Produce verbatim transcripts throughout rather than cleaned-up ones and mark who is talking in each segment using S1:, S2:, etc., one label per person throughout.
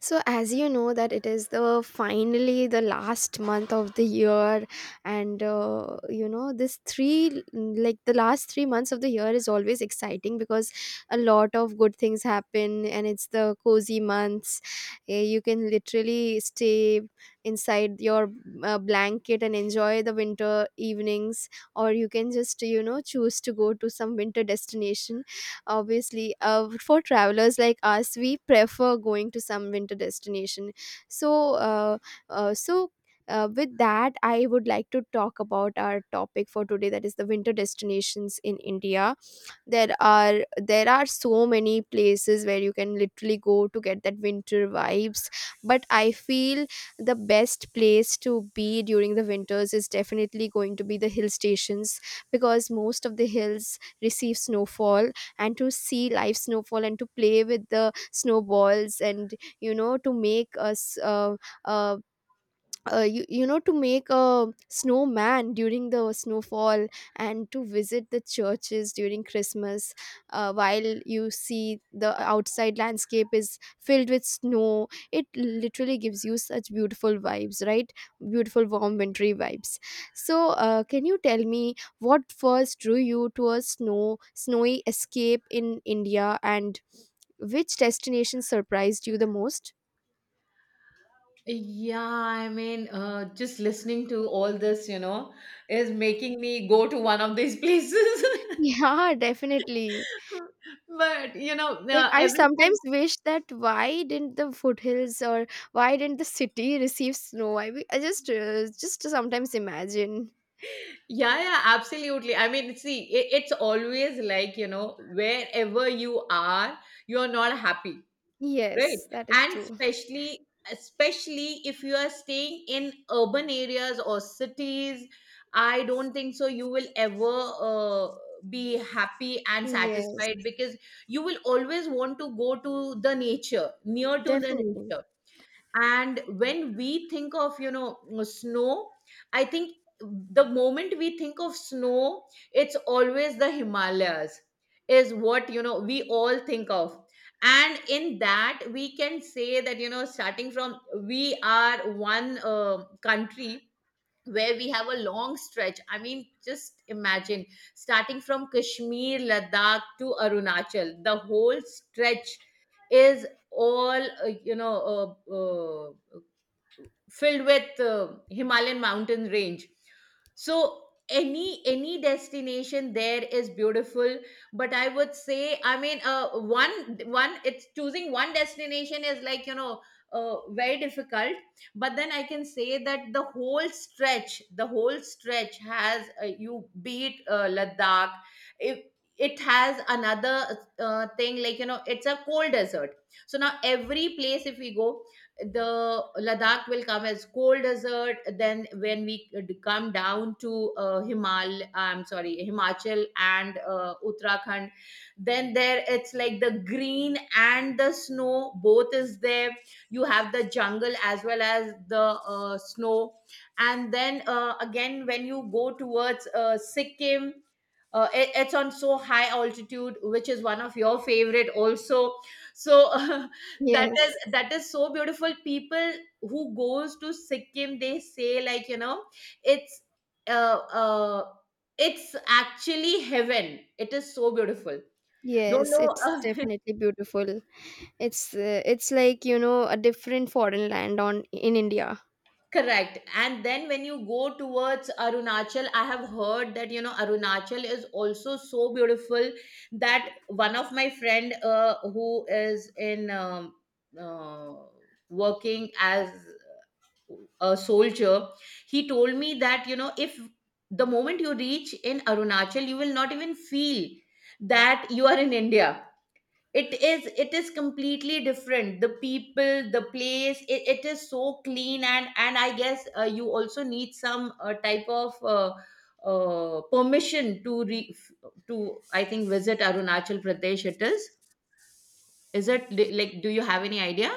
S1: So as you know that it is the finally the last month of the year, and uh, you know, this three, like the last three months of the year, is always exciting because a lot of good things happen and it's the cozy months. Eh, you can literally stay inside your uh, blanket and enjoy the winter evenings, or you can just, you know, choose to go to some winter destination. Obviously, uh, for travelers like us, we prefer going to some winter destination. so uh, uh, so uh, with that, I would like to talk about our topic for today, that is the winter destinations in India. There are there are so many places where you can literally go to get that winter vibes, but I feel the best place to be during the winters is definitely going to be the hill stations, because most of the hills receive snowfall. And to see live snowfall and to play with the snowballs and, you know, to make us uh, uh, uh, you, you know to make a snowman during the snowfall, and to visit the churches during Christmas, uh, while you see the outside landscape is filled with snow, it literally gives you such beautiful vibes, right? Beautiful warm wintry vibes. So uh, can you tell me, what first drew you to a snow snowy escape in India, and which destination surprised you the most?
S2: Yeah, I mean, uh, just listening to all this, you know, is making me go to one of these places.
S1: Yeah, definitely.
S2: But, you know,
S1: Like
S2: uh,
S1: I
S2: every time,
S1: sometimes wish that why didn't the foothills or why didn't the city receive snow? I, be- I just uh, just sometimes imagine.
S2: yeah, yeah, absolutely. I mean, see, it, it's always like, you know, wherever you are, you're not happy. Right,
S1: Yes, that is
S2: and
S1: true.
S2: especially especially if you are staying in urban areas or cities, I don't think so you will ever uh, be happy and
S1: Yes,
S2: satisfied, because you will always want to go to the nature, near to the
S1: definitely.
S2: nature. And when we think of, you know uh, snow, I think the moment we think of snow, it's always the Himalayas is what, you know, we all think of. And in that we can say that, you know, starting from, we are one uh, country where we have a long stretch. I mean, just imagine starting from Kashmir, Ladakh to Arunachal, the whole stretch is all uh, you know uh, uh, filled with uh, Himalayan mountain range. So any any destination there is beautiful, but I would say, I mean, uh, one one it's choosing one destination is like, you know, uh, very difficult. But then I can say that the whole stretch the whole stretch has uh, you beat uh, Ladakh, it, it has another uh, thing, like, you know, it's a cold desert. So now every place, if we go, the Ladakh will come as cold desert. Then when we d- come down to uh, Himal, I'm sorry, Himachal and uh, Uttarakhand, then there it's like the green and the snow both is there. You have the jungle as well as the uh, snow, and then uh, again when you go towards uh, Sikkim. Uh, it- it's on so high altitude, which is one of your favorite also. So that is
S1: Yes.
S2: that is so beautiful. People who goes to Sikkim, they say like, you know, it's uh, uh it's actually heaven, it is so beautiful. Don't
S1: Yes,
S2: know
S1: it's
S2: uh,
S1: definitely beautiful. It's uh, it's like, you know, a different foreign land on in India.
S2: correct. And then when you go towards Arunachal, I have heard that, you know, Arunachal is also so beautiful, that one of my friend uh, who is in um, uh, working as a soldier, he told me that, you know, if the moment you reach in Arunachal, you will not even feel that you are in India. It is it is completely different, the people, the place, it, it is so clean. and and I guess uh, you also need some uh, type of uh, uh, permission to re- to, I think, visit Arunachal Pradesh. It is is it li- like, do you have any idea?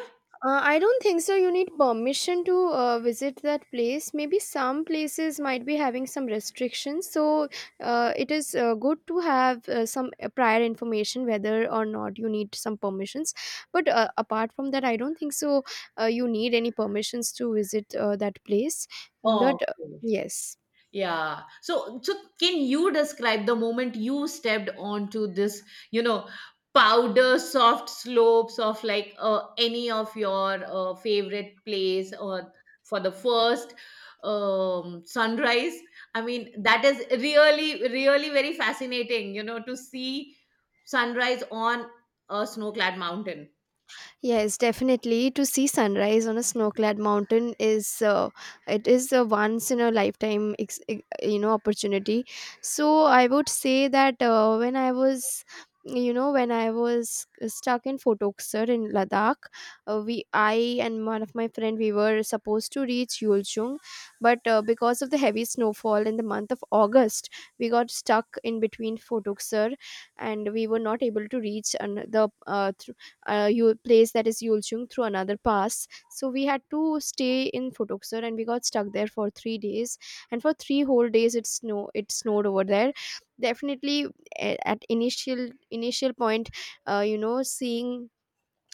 S1: Uh, I don't think so. You need permission to uh, visit that place. Maybe some places might be having some restrictions. So uh, it is uh, good to have uh, some uh, prior information whether or not you need some permissions. But uh, apart from that, I don't think so. Uh, you need any permissions to visit uh, that place.
S2: Oh.
S1: But uh, yes.
S2: Yeah. So, so can you describe the moment you stepped onto this, you know, powder soft slopes of, like, uh, any of your uh, favorite place, or for the first um, sunrise? I mean, that is really, really very fascinating, you know, to see sunrise on a snow-clad mountain.
S1: Yes, definitely. To see sunrise on a snow-clad mountain is uh, it is a once in a lifetime ex- ex- you know opportunity. So I would say that uh, when I was, you know, when I was stuck in Photokser in Ladakh, uh, we I and one of my friend, we were supposed to reach Yulchung, but uh, because of the heavy snowfall in the month of August, we got stuck in between Photokser, and we were not able to reach an- the uh, uh, Yul- place, that is Yulchung, through another pass. So we had to stay in Futuksar and we got stuck there for three days. And for three whole days, it snow it snowed over there. Definitely, a- at initial initial point, uh, you know, seeing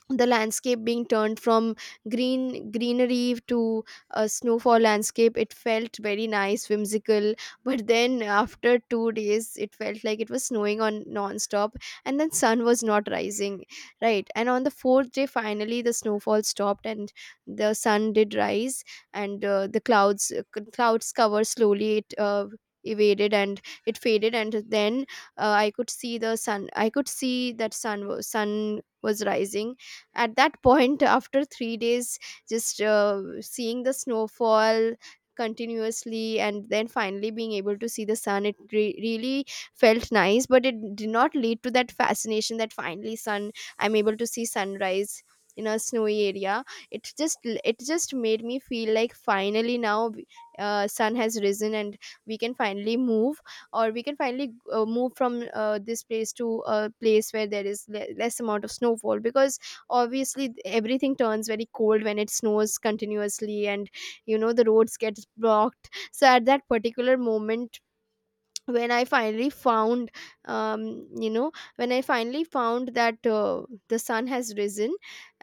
S1: the landscape being turned from green greenery to a snowfall landscape, it felt very nice, whimsical. But then after two days, it felt like it was snowing on non-stop, and then sun was not rising, right? And on the fourth day, finally the snowfall stopped, and the sun did rise. And uh, the clouds uh, clouds cover slowly it uh, evaded and it faded, and then uh, I could see the sun, I could see that sun was sun was rising. At that point, after three days just uh, seeing the snowfall continuously and then finally being able to see the sun, it re- really felt nice, but it did not lead to that fascination that finally sun, I'm able to see sunrise in a snowy area. It just, it just made me feel like, finally now uh, sun has risen and we can finally move, or we can finally uh, move from uh, this place to a place where there is le- less amount of snowfall, because obviously th- everything turns very cold when it snows continuously, and, you know, the roads get blocked. So at that particular moment when I finally found, um, you know, when I finally found that uh, the sun has risen,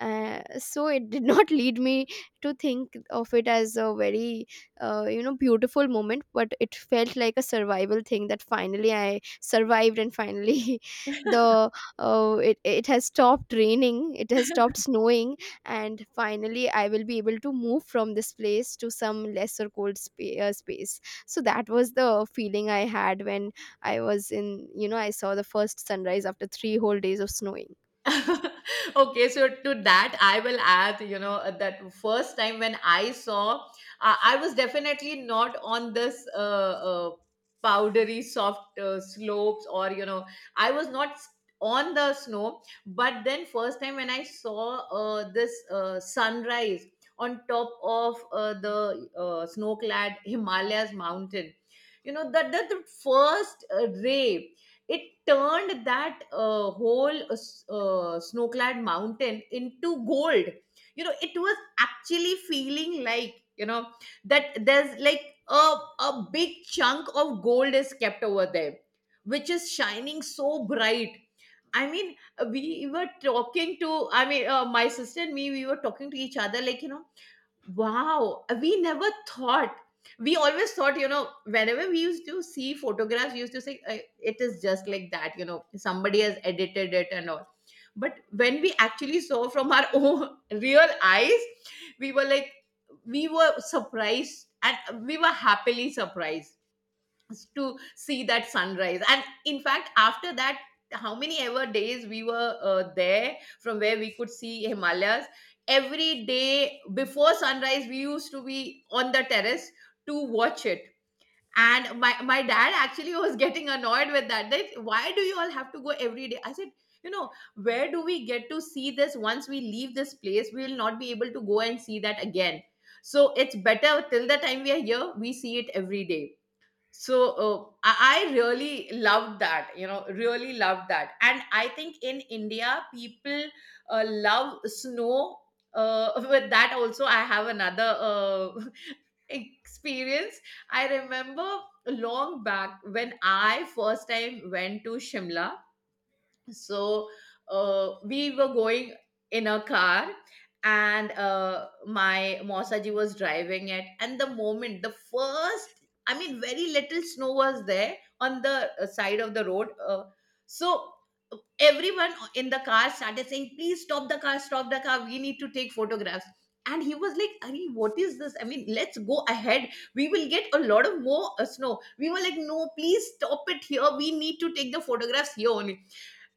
S1: uh, so it did not lead me to think of it as a very uh, you know beautiful moment, but it felt like a survival thing, that finally I survived and finally the uh, it, it has stopped raining, it has stopped snowing, and finally I will be able to move from this place to some lesser cold spa- uh, space. So that was the feeling I had when I was in, you know, I saw the first sunrise after three whole days of snowing.
S2: Okay, so to that I will add, you know, that first time when I saw, uh, I was definitely not on this uh, uh, powdery soft uh, slopes, or, you know, I was not s- on the snow, but then first time when I saw uh, this uh, sunrise on top of uh, the uh, snow clad Himalayas mountain, you know, that that the first uh, ray, it turned that uh, whole uh, s- uh, snow-clad mountain into gold. You know, it was actually feeling like, you know, that there's like a a big chunk of gold is kept over there, which is shining so bright. I mean, we were talking to, I mean, uh, my sister and me, we were talking to each other, like, you know, wow, we never thought. We always thought, you know, whenever we used to see photographs, we used to say, "Uh, it is just like that, you know, somebody has edited it and all." But when we actually saw from our own real eyes, we were like, we were surprised and we were happily surprised to see that sunrise. And in fact after that, how many ever days we were uh, there, from where we could see Himalayas, every day before sunrise we used to be on the terrace to watch it. And my, my dad actually was getting annoyed with that, that why do you all have to go every day. I said, you know, where do we get to see this? Once we leave this place, we will not be able to go and see that again. So it's better, till the time we are here, we see it every day. So uh, I, I really loved that, you know, really loved that. And I think in India people uh, love snow. Uh, with that also I have another uh, experience I remember. Long back, when I first time went to Shimla, so uh, we were going in a car, and uh, my Mosaji was driving it. And the moment the first, I mean, very little snow was there on the uh, side of the road, uh, so everyone in the car started saying, please stop the car, stop the car, we need to take photographs. And he was like, Ari, what is this, I mean, let's go ahead, we will get a lot of more uh, snow. We were like, no, please stop it here, we need to take the photographs here only.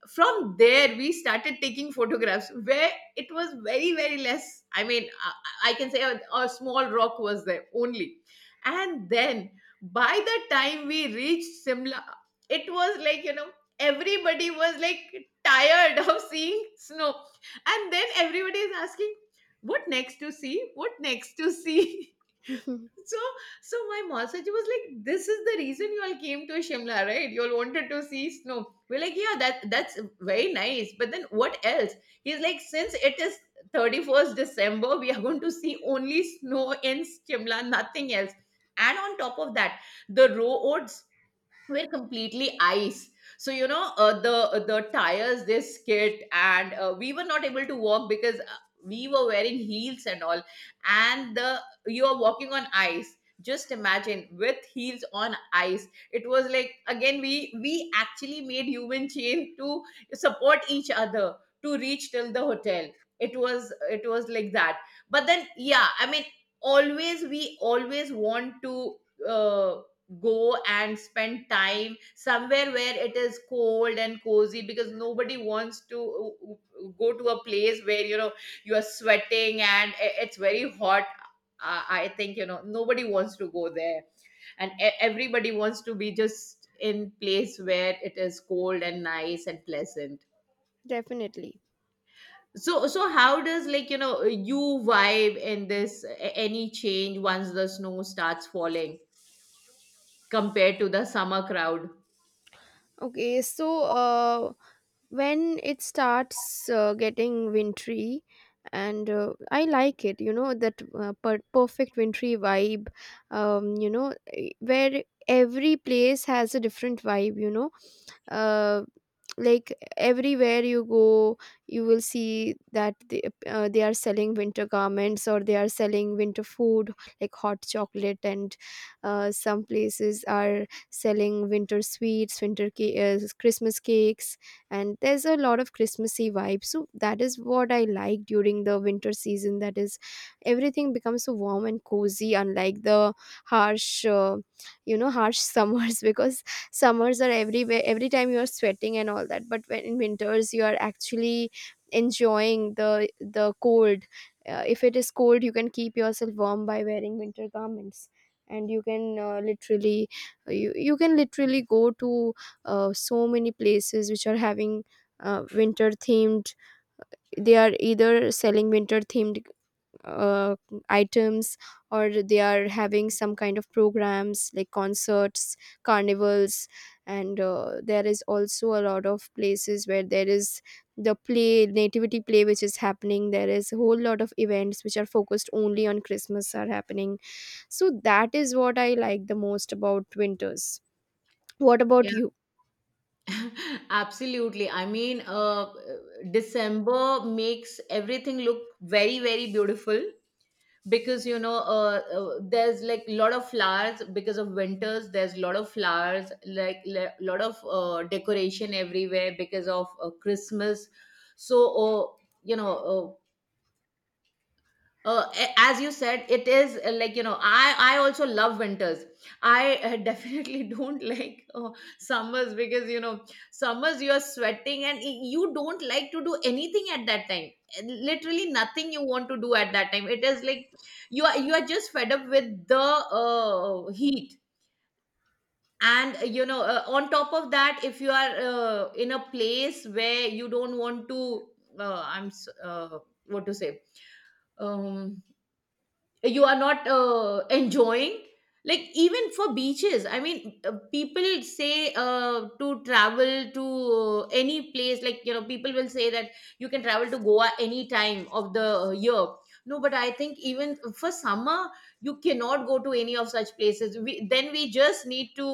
S2: From there we started taking photographs where it was very, very less. I mean, i, I can say a, a small rock was there only. And then by the time we reached Simla, it was like, you know, everybody was like tired of seeing snow, and then everybody is asking, what next to see, what next to see. So, so my massage was like, "This is the reason you all came to Shimla, right? You all wanted to see snow." We're like, "Yeah, that that's very nice, but then what else?" He's like, "Since it is thirty-first December, we are going to see only snow in Shimla, nothing else." And on top of that, the roads were completely ice. So, you know, uh, the uh, the tires, they skid, and uh, we were not able to walk, because uh, we were wearing heels and all. And the you are walking on ice, just imagine, with heels on ice. It was like, again, we we actually made human chain to support each other to reach till the hotel. It was it was like that. But then, yeah, I mean, always we always want to uh, go and spend time somewhere where it is cold and cozy, because nobody wants to uh, uh, go to a place where, you know, you are sweating and i- it's very hot. uh, I think, you know, nobody wants to go there, and e- everybody wants to be just in place where it is cold and nice and pleasant.
S1: Definitely.
S2: So, so how does, like, you know, you vibe in this, a- any change once the snow starts falling compared to the summer crowd?
S1: Okay, so uh, when it starts uh, getting wintry, and uh, I like it, you know, that uh, per- perfect wintry vibe. Um, you know, eh, where every place has a different vibe, you know, uh, like everywhere you go, you will see that they, uh, they are selling winter garments, or they are selling winter food like hot chocolate and uh, some places are selling winter sweets, winter ca- uh, Christmas cakes, and there's a lot of Christmassy vibe. So that is what I like during the winter season, that is everything becomes so warm and cozy, unlike the harsh uh, you know harsh summers, because summers are everywhere, every time you are sweating and all that, but when in winters you are actually enjoying the the cold. Uh, if it is cold, you can keep yourself warm by wearing winter garments, and you can uh, literally uh, you, you can literally go to uh, so many places which are having uh, winter themed, they are either selling winter themed uh, items, or they are having some kind of programs like concerts, carnivals, and uh, there is also a lot of places where there is the play nativity play which is happening, there is a whole lot of events which are focused only on Christmas are happening. So that is what I like the most about winters. What about you?
S2: Absolutely. I mean, uh, December makes everything look very, very beautiful, because, you know, uh, uh, there's like a lot of flowers because of winters. There's a lot of flowers, like a lot of uh, decoration everywhere because of uh, Christmas. So, uh, you know, uh, uh, a- as you said, it is, uh, like, you know, i I also love winters. I uh, Definitely don't like uh, summers, because, you know, summers, you are sweating, and y- you don't like to do anything at that time. Uh, literally nothing you want to do at that time. It is like you are you are just fed up with the uh, heat. And uh, you know uh, on top of that, if you are uh, in a place where you don't want to, uh, i'm s- uh, what to say, um you are not uh, enjoying. Like, even for beaches, I mean, uh, people say uh, to travel to uh, any place. Like, you know, people will say that you can travel to Goa any time of the uh, year. No, but I think even for summer, you cannot go to any of such places. We, then we just need to,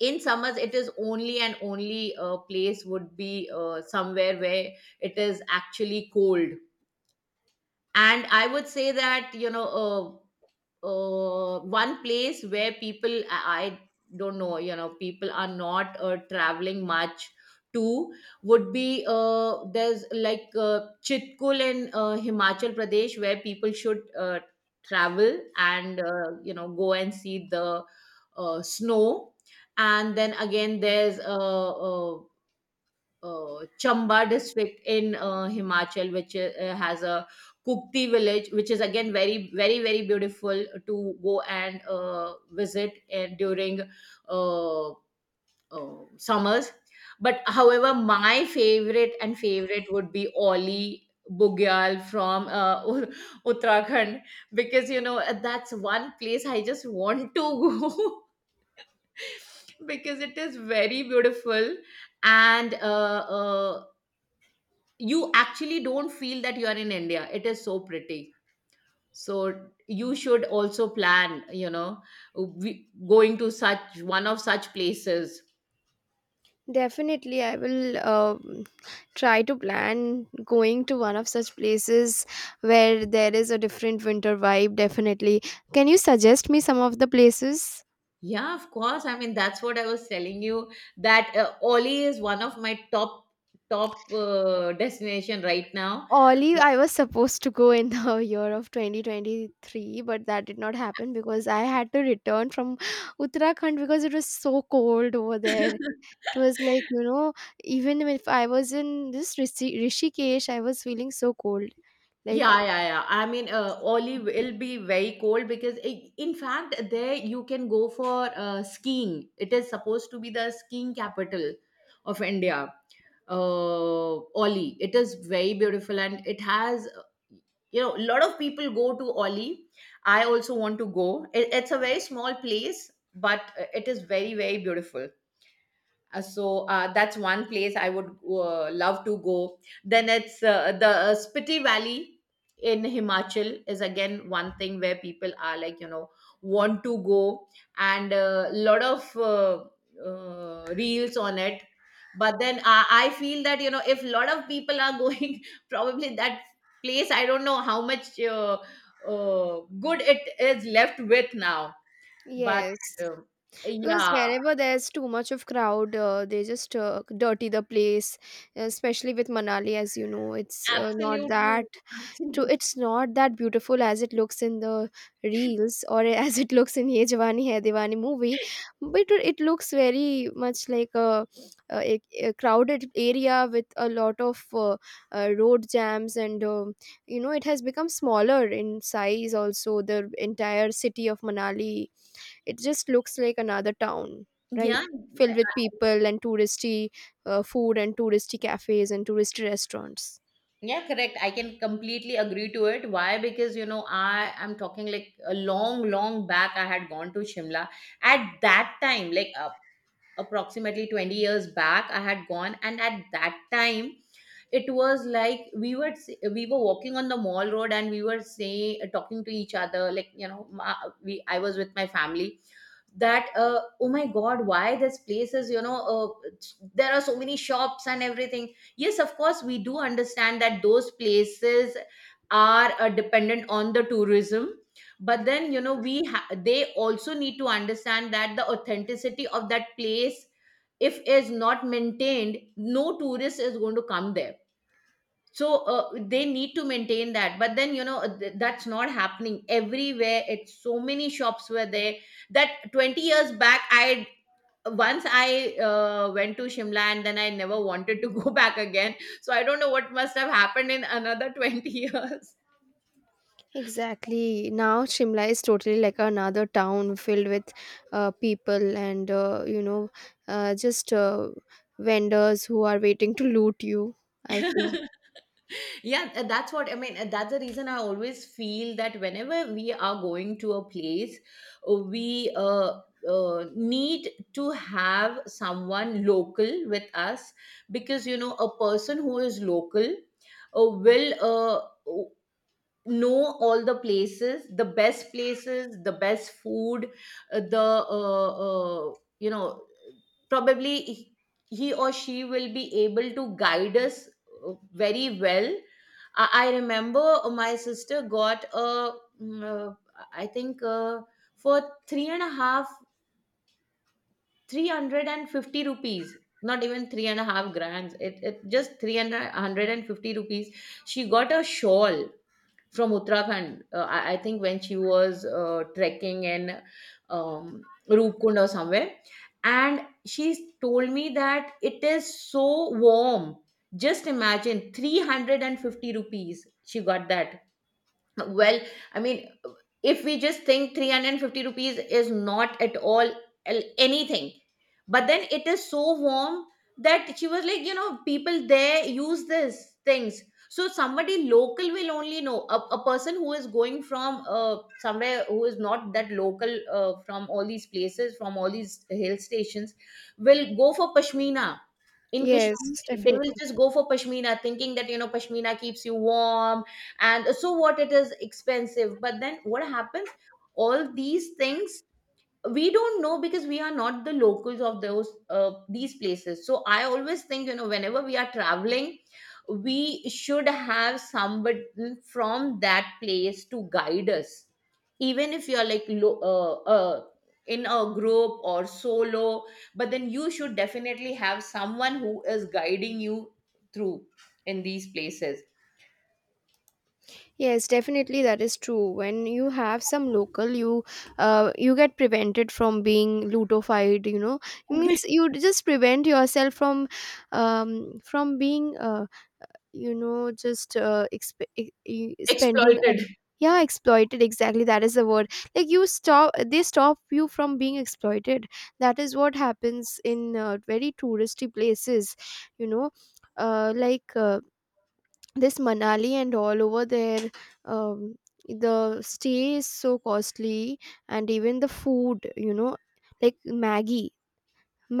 S2: in summers, it is only and only uh, place would be uh, somewhere where it is actually cold. And I would say that, you know, uh, uh, one place where people, I, I don't know, you know, people are not uh, traveling much to would be uh, there's like uh, Chitkul in uh, Himachal Pradesh, where people should uh, travel and, uh, you know, go and see the uh, snow. And then again there's uh, uh, uh, Chamba district in uh, Himachal, which uh, has a Kukti village, which is again very, very, very beautiful to go and uh, visit, and during uh, uh, summers. But however, my favorite and favorite would be Oli Bugyal from uh, Ut- Uttarakhand, because you know that's one place I just want to go because it is very beautiful. And uh, uh, you actually don't feel that you are in India. It is so pretty, so you should also plan, you know we, going to such one of such places.
S1: Definitely, I will uh, try to plan going to one of such places where there is a different winter vibe. Definitely. Can you suggest me some of the places?
S2: Yeah, of course. I mean, that's what I was telling you, that uh, Oli is one of my top top uh, destination right now.
S1: Oli, I was supposed to go in the year of twenty twenty-three, but that did not happen because I had to return from Uttarakhand because it was so cold over there. It was like, you know, even if I was in this Rishi- Rishikesh, I was feeling so cold. Like,
S2: Yeah, yeah, yeah. I mean, uh, Oli will be very cold because, I in fact, there you can go for uh, skiing. It is supposed to be the skiing capital of India. Uh, Oli. It is very beautiful, and it has, you know, a lot of people go to Oli. I also want to go. It, it's a very small place, but uh, it is very, very beautiful. Uh, so uh, that's one place I would uh, love to go. Then it's uh, the uh, Spiti Valley in Himachal is again one thing where people are like, you know want to go, and a lot of uh, uh, reels on it. But then I, I feel that, you know if a lot of people are going, probably that place, I don't know how much uh, uh, good it is left with now. But
S1: yes.
S2: uh,
S1: Because
S2: yeah.
S1: wherever there's too much of crowd, uh, they just uh, dirty the place, especially with Manali. As you know, it's uh, not
S2: Absolutely.
S1: that, to
S2: Absolutely.
S1: it's not that beautiful as it looks in the reels, or as it looks in Ye Jawani Hai Diwani movie, but it looks very much like a, a, a crowded area with a lot of uh, uh, road jams and, um, you know, it has become smaller in size also, the entire city of Manali. It just looks like another town, right?
S2: Yeah, I-
S1: Filled with
S2: I-
S1: people and touristy uh, food and touristy cafes and touristy restaurants.
S2: yeah, correct. I can completely agree to it. Why? Because you know, I am talking like a long, long back. I had gone to Shimla at that time. Like uh, approximately twenty years back I had gone, and at that time it was like we were we were walking on the Mall Road, and we were saying talking to each other, like, you know, ma- we- I was with my family, that uh, oh my god, why this place is, you know uh, there are so many shops and everything. Yes, of course, we do understand that those places are uh, dependent on the tourism, but then, you know, we ha- they also need to understand that the authenticity of that place, if is not maintained, no tourist is going to come there. So uh, they need to maintain that, but then, you know, th- that's not happening everywhere. It's so many shops were there that twenty years back I, once I uh, went to Shimla, and then I never wanted to go back again. So I don't know what must have happened in another twenty years.
S1: Exactly. Now Shimla is totally like another town filled with uh, people and uh, you know, uh, just uh, vendors who are waiting to loot you. I feel,
S2: Yeah, uh, that's what I mean. Uh, that's the reason I always feel that whenever we are going to a place, uh, we uh, uh, need to have someone local with us, because you know, a person who is local uh, will uh, know all the places, the best places, the best food, uh, the uh, uh, you know, probably he he or she will be able to guide us uh, very well. i, I remember my sister got a mm, uh, I think uh, for three and a half, three hundred and fifty rupees, not even three and a half grands, it, it just three hundred and fifty rupees, she got a shawl from Uttarakhand. Uh, I, I think when she was uh, trekking in um, Rupkund or somewhere, and she told me that it is so warm. Just imagine, three hundred and fifty rupees she got that. Well, I mean, if we just think three hundred and fifty rupees is not at all el- anything, but then it is so warm that she was like, you know, people there use this things. So somebody local will only know. A, a person who is going from uh, somewhere, who is not that local uh, from all these places, from all these hill stations, will go for pashmina. In
S1: yes,
S2: Kashmir, they will
S1: definitely.
S2: just go for pashmina, thinking that you know, pashmina keeps you warm, and so what it is expensive, but then what happens, all these things we don't know, because we are not the locals of those uh, these places. So I always think, you know, whenever we are traveling, we should have somebody from that place to guide us, even if you're like, lo- uh, uh, in a group or solo, but then you should definitely have someone who is guiding you through in these places.
S1: Yes, definitely that is true. When you have some local, you uh, you get prevented from being ludofied. You know, it means you just prevent yourself from, um, from being uh, you know, just uh, exp- e- e- spending. A,
S2: Exploited.
S1: yeah, exploited. Exactly, that is the word. Like you stop, they stop you from being exploited. That is what happens in uh, very touristy places. You know, uh, like. Uh, this Manali and all over there, um, the stay is so costly, and even the food, you know, like maggie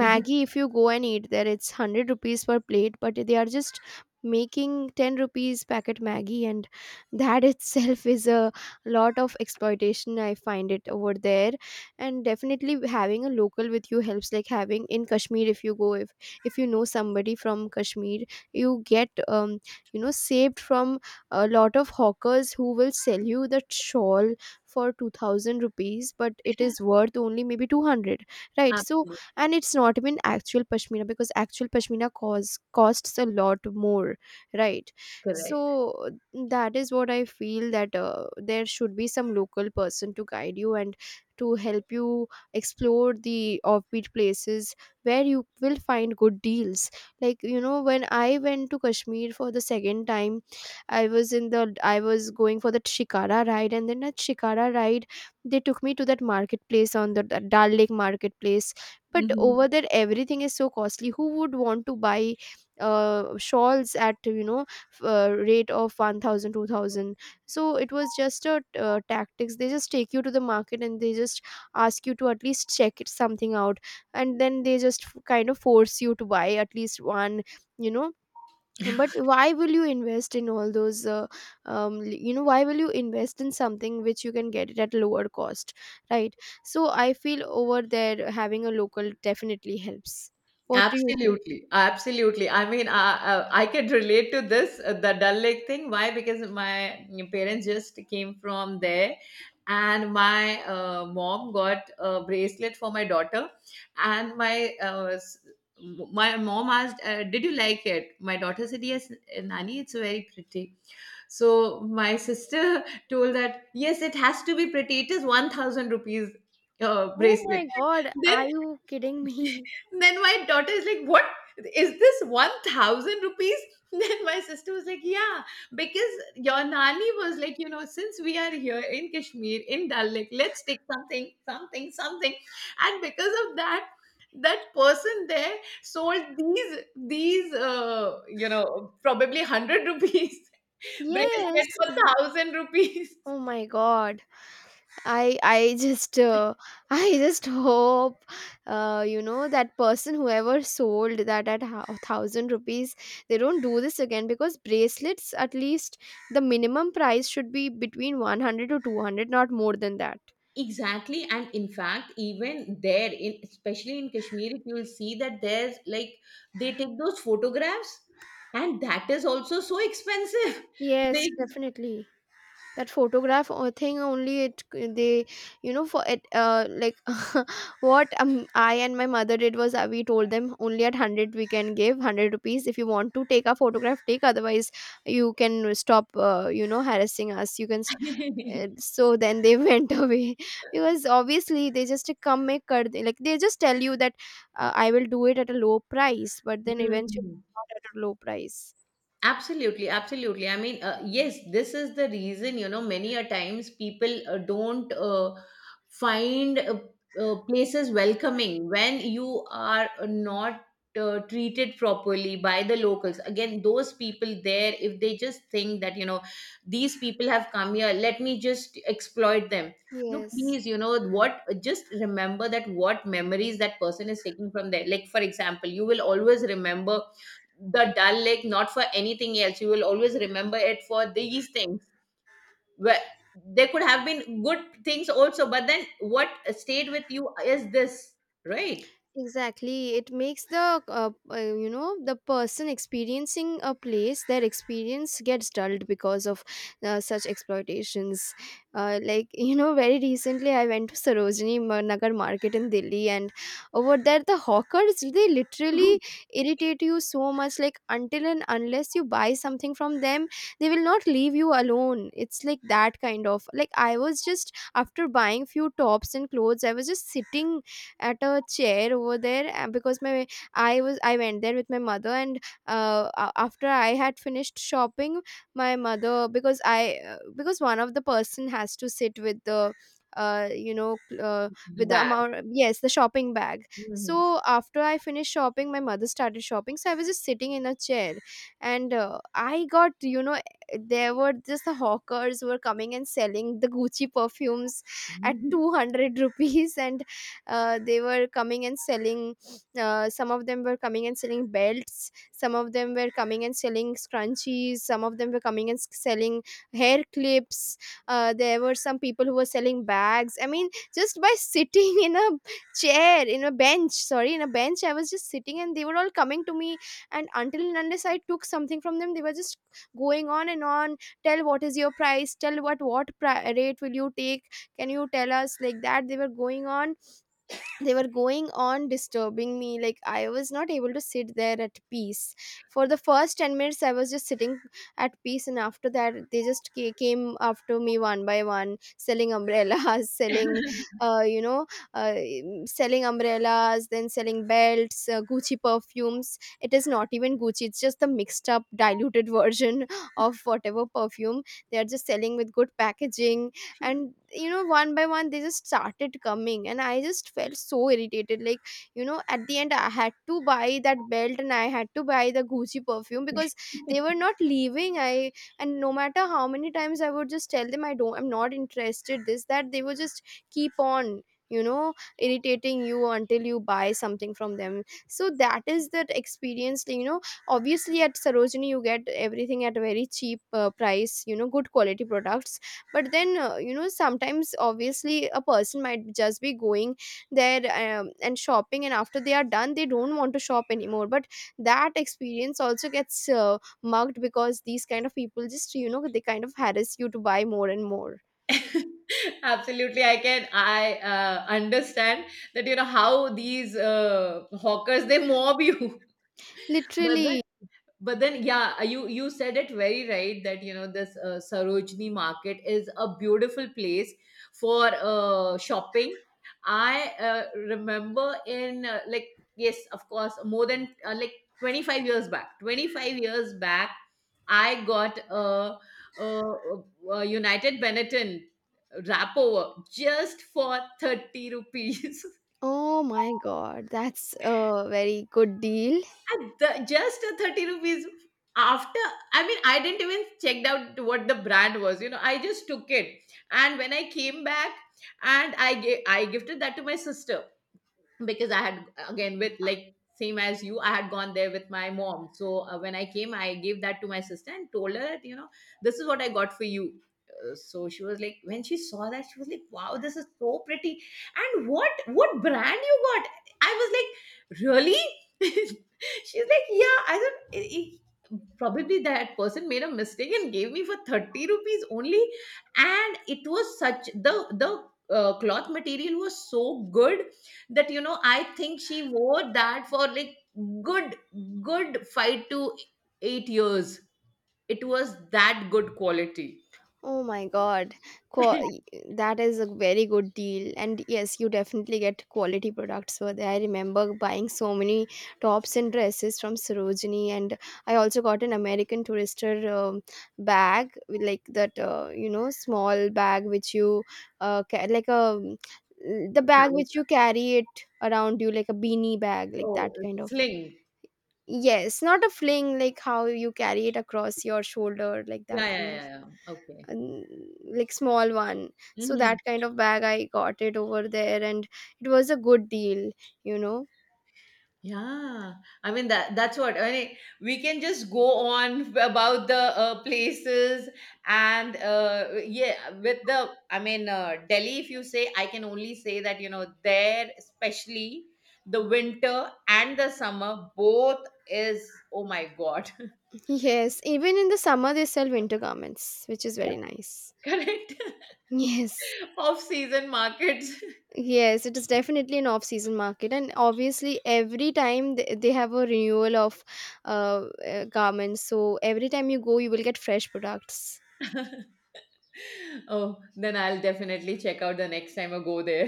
S1: if you go and eat there, it's hundred rupees per plate, but they are just making ten rupees packet Maggie, and that itself is a lot of exploitation, I find it over there. And definitely having a local with you helps, like having in Kashmir, if you go, if, if you know somebody from Kashmir, you get, um, you know, saved from a lot of hawkers who will sell you that shawl for two thousand rupees, but it is worth only maybe two hundred, right? So
S2: Absolutely.
S1: and it's not even actual pashmina because actual pashmina cause costs a lot more, right?
S2: Correct.
S1: So that is what I feel, that uh, there should be some local person to guide you and to help you explore the offbeat places where you will find good deals. Like, you know when I went to Kashmir for the second time, i was in the I was going for the shikara ride, and then at shikara ride they took me to that marketplace on the Dal Lake marketplace. But over
S2: Mhm.
S1: there everything is so costly. Who would want to buy uh, shawls at, you know f- uh, rate of one thousand, two thousand? So it was just a uh, tactics. They just take you to the market and they just ask you to at least check it something out, and then they just f- kind of force you to buy at least one you know but why will you invest in all those uh, um, l- you know why will you invest in something which you can get it at lower cost, right? So I feel over there having a local definitely helps. What do you think?
S2: Absolutely, absolutely. I mean, I I, I could relate to this, uh, the Dal Lake thing. Why? Because my parents just came from there, and my uh, mom got a bracelet for my daughter, and my uh, s- m- my mom asked, uh, "Did you like it?" My daughter said, "Yes, uh, Nani, it's very pretty." So my sister told that, "Yes, it has to be pretty. It is one thousand rupees uh,
S1: Oh my
S2: bracelet."
S1: God,
S2: Then
S1: are you kidding me?
S2: then my daughter is like, "What is this one thousand rupees?" Then my sister was like, "Yeah, because your Nani was like, you know, since we are here in Kashmir, in Dal Lake, let's take something, something, something." And because of that, that person there sold these, these, uh, you know, probably one hundred rupees
S1: Yes.
S2: bracelet for one thousand rupees.
S1: Oh my God. I I just uh, I just hope uh, you know that person, whoever sold that at a thousand rupees, they don't do this again, because bracelets, at least the minimum price should be between one hundred to two hundred, not more than that.
S2: Exactly, and in fact, even there, in especially in Kashmir, if you will see that there's like, they take those photographs, and that is also so expensive.
S1: Yes,
S2: They.
S1: definitely. That photograph or thing only, it, they, you know for it uh like what, um I and my mother did was, uh, we told them, "Only at one hundred, we can give one hundred rupees. If you want to take a photograph, take. Otherwise you can stop uh, you know harassing us. You can s- uh, So then they went away, because obviously they just come, make kar de- like, they just tell you that uh, I will do it at a low price, but then eventually
S2: Mm.
S1: it's not at a low price.
S2: Absolutely, absolutely. I mean, uh, yes, this is the reason, you know, many a times people uh, don't uh, find uh, uh, places welcoming, when you are not uh, treated properly by the locals. Again, those people there, if they just think that, you know, these people have come here, let me just exploit them. No,
S1: Yes.
S2: please, you know, what, just remember that what memories that person is taking from there. Like, for example, you will always remember the Dal Lake, not for anything else. You will always remember it for these things. Where there could have been good things also, but then what stayed with you is this, right?
S1: Exactly. It makes the uh, uh, you know the person experiencing a place, their experience gets dulled because of uh, such exploitations. Uh, like you know, very recently I went to Sarojini Ma- Nagar market in Delhi, and over there the hawkers, they literally irritate you so much. Like, until and unless you buy something from them, they will not leave you alone. It's like that kind of. Like, I was just after buying few tops and clothes, I was just sitting at a chair over there, uh, because my, I was I went there with my mother, and uh, a- after I had finished shopping, my mother, because I uh, because one of the person has to sit with the, uh, you know cl- uh,
S2: The
S1: with the
S2: bag.
S1: amount, yes, the shopping bag.
S2: Mhm.
S1: So after I finished shopping, my mother started shopping, so I was just sitting in a chair, and uh, I got, you know there were just the hawkers who were coming and selling the Gucci perfumes at
S2: Mhm.
S1: two hundred rupees and uh, they were coming and selling, uh, some of them were coming and selling belts, some of them were coming and selling scrunchies, some of them were coming and s- selling hair clips, uh, there were some people who were selling bags. I mean, just by sitting in a chair, in a bench, sorry, in a bench, I was just sitting and they were all coming to me, and until and unless I took something from them, they were just going on and on. "Tell, what is your price? Tell, what what pri- rate will you take? Can you tell us?" Like that they were going on they were going on disturbing me. Like, I was not able to sit there at peace. For the first ten minutes I was just sitting at peace, and after that they just ca- came after me one by one, selling umbrellas selling uh, you know uh, selling umbrellas, then selling belts, uh, Gucci perfumes. It is not even Gucci, it's just the mixed up diluted version of whatever perfume they are just selling with good packaging. And, you know one by one they just started coming, and I just felt so irritated. Like, you know at the end I had to buy that belt and I had to buy the Gucci perfume because they were not leaving i, and no matter how many times I would just tell them, i don't i'm not interested, this, that," they would just keep on, you know irritating you until you buy something from them. So that is that experience. you know obviously at Sarojini you get everything at a very cheap uh, price, you know good quality products. But then, uh, you know sometimes obviously a person might just be going there, um, and shopping, and after they are done they don't want to shop anymore, but that experience also gets uh, mugged because these kind of people just, you know they kind of harass you to buy more and more.
S2: Absolutely, I can. I uh, understand that, you know, how these uh, hawkers, they mob you. But then,
S1: Literally.
S2: but then yeah, uh, you, you said it very right that, you know, this uh, Sarojini market is a beautiful place for uh, shopping. I uh, remember in uh, like, yes, of course, more than uh, like twenty-five years back twenty-five years back I got a, a, a United Benetton wrapover just for thirty rupees.
S1: Oh my God, that's a very good deal.
S2: And the, just a thirty rupees, after, I mean, I didn't even checked out what the brand was, you know, I just took it. And when I came back, and I gave, I gifted that to my sister, because I had again, with like same as you, I had gone there with my mom. So uh, when I came, I gave that to my sister and told her that, you know, this is what I got for you. Uh, So she was like, when she saw that, she was like, "Wow, this is so pretty! And what what brand you got?" I was like, "Really?" She's like, "Yeah." I said, "I- I- "Probably that person made a mistake and gave me for thirty rupees only." And it was such, the the uh, cloth material was so good that, you know, I think she wore that for like good, good five to eight years. It was that good quality.
S1: Oh my God. Qua That is a very good deal. And yes, you definitely get quality products over there. I remember buying so many tops and dresses from Sarojini, and I also got an American Tourister um, bag, with like that, uh, you know, small bag which you, uh, ca- like a, the bag which you carry it around you, like a beanie bag, like
S2: Oh,
S1: that kind of.
S2: sling.
S1: Yes, not a fling, like how you carry it across your shoulder, like that
S2: Yeah, yeah,
S1: kind of.
S2: yeah, yeah. Okay.
S1: n- like, small one. So
S2: Mhm.
S1: that kind of bag I got it over there, and it was a good deal you know
S2: Yeah, I mean, that that's what I mean. We can just go on about the uh, places, and uh, yeah, with the, I mean, uh, Delhi. If you say, I can only say that, you know, there, especially the winter and the summer, both is, oh my god.
S1: yes, even in the summer they sell winter garments, which is
S2: Yeah,
S1: very nice.
S2: correct.
S1: yes.
S2: Off season markets.
S1: Yes, it is definitely an off season market, and obviously every time they, they have a renewal of uh, uh, garments, so every time you go you will get fresh products.
S2: Oh, then I'll definitely check out the next time I go there.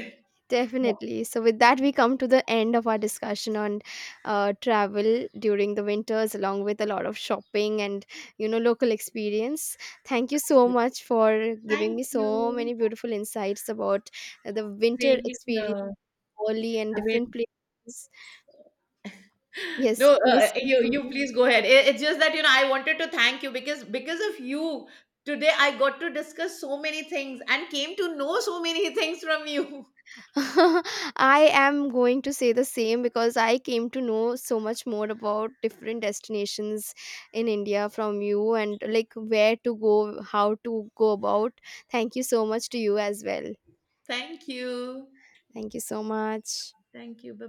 S2: Yeah,
S1: Definitely. So, with that, we come to the end of our discussion on uh, travel during the winters, along with a lot of shopping and, you know local experience. Thank you so
S2: absolutely.
S1: much for giving
S2: Thank
S1: me so
S2: you.
S1: many beautiful insights about the winter
S2: Same.
S1: experience,
S2: Here.
S1: Bali and
S2: I mean.
S1: different places. Yes,
S2: No,
S1: you were
S2: uh,
S1: saying
S2: you, you
S1: something.
S2: please go ahead. It- it's just that, you know, I wanted to thank you, because because of you, today I got to discuss so many things and came to know so many things from you.
S1: I am going to say the same, because I came to know so much more about different destinations in India from you, and like where to go, how to go about. Thank you so much to you as well.
S2: Thank you.
S1: Thank you so much.
S2: Thank you. Bye.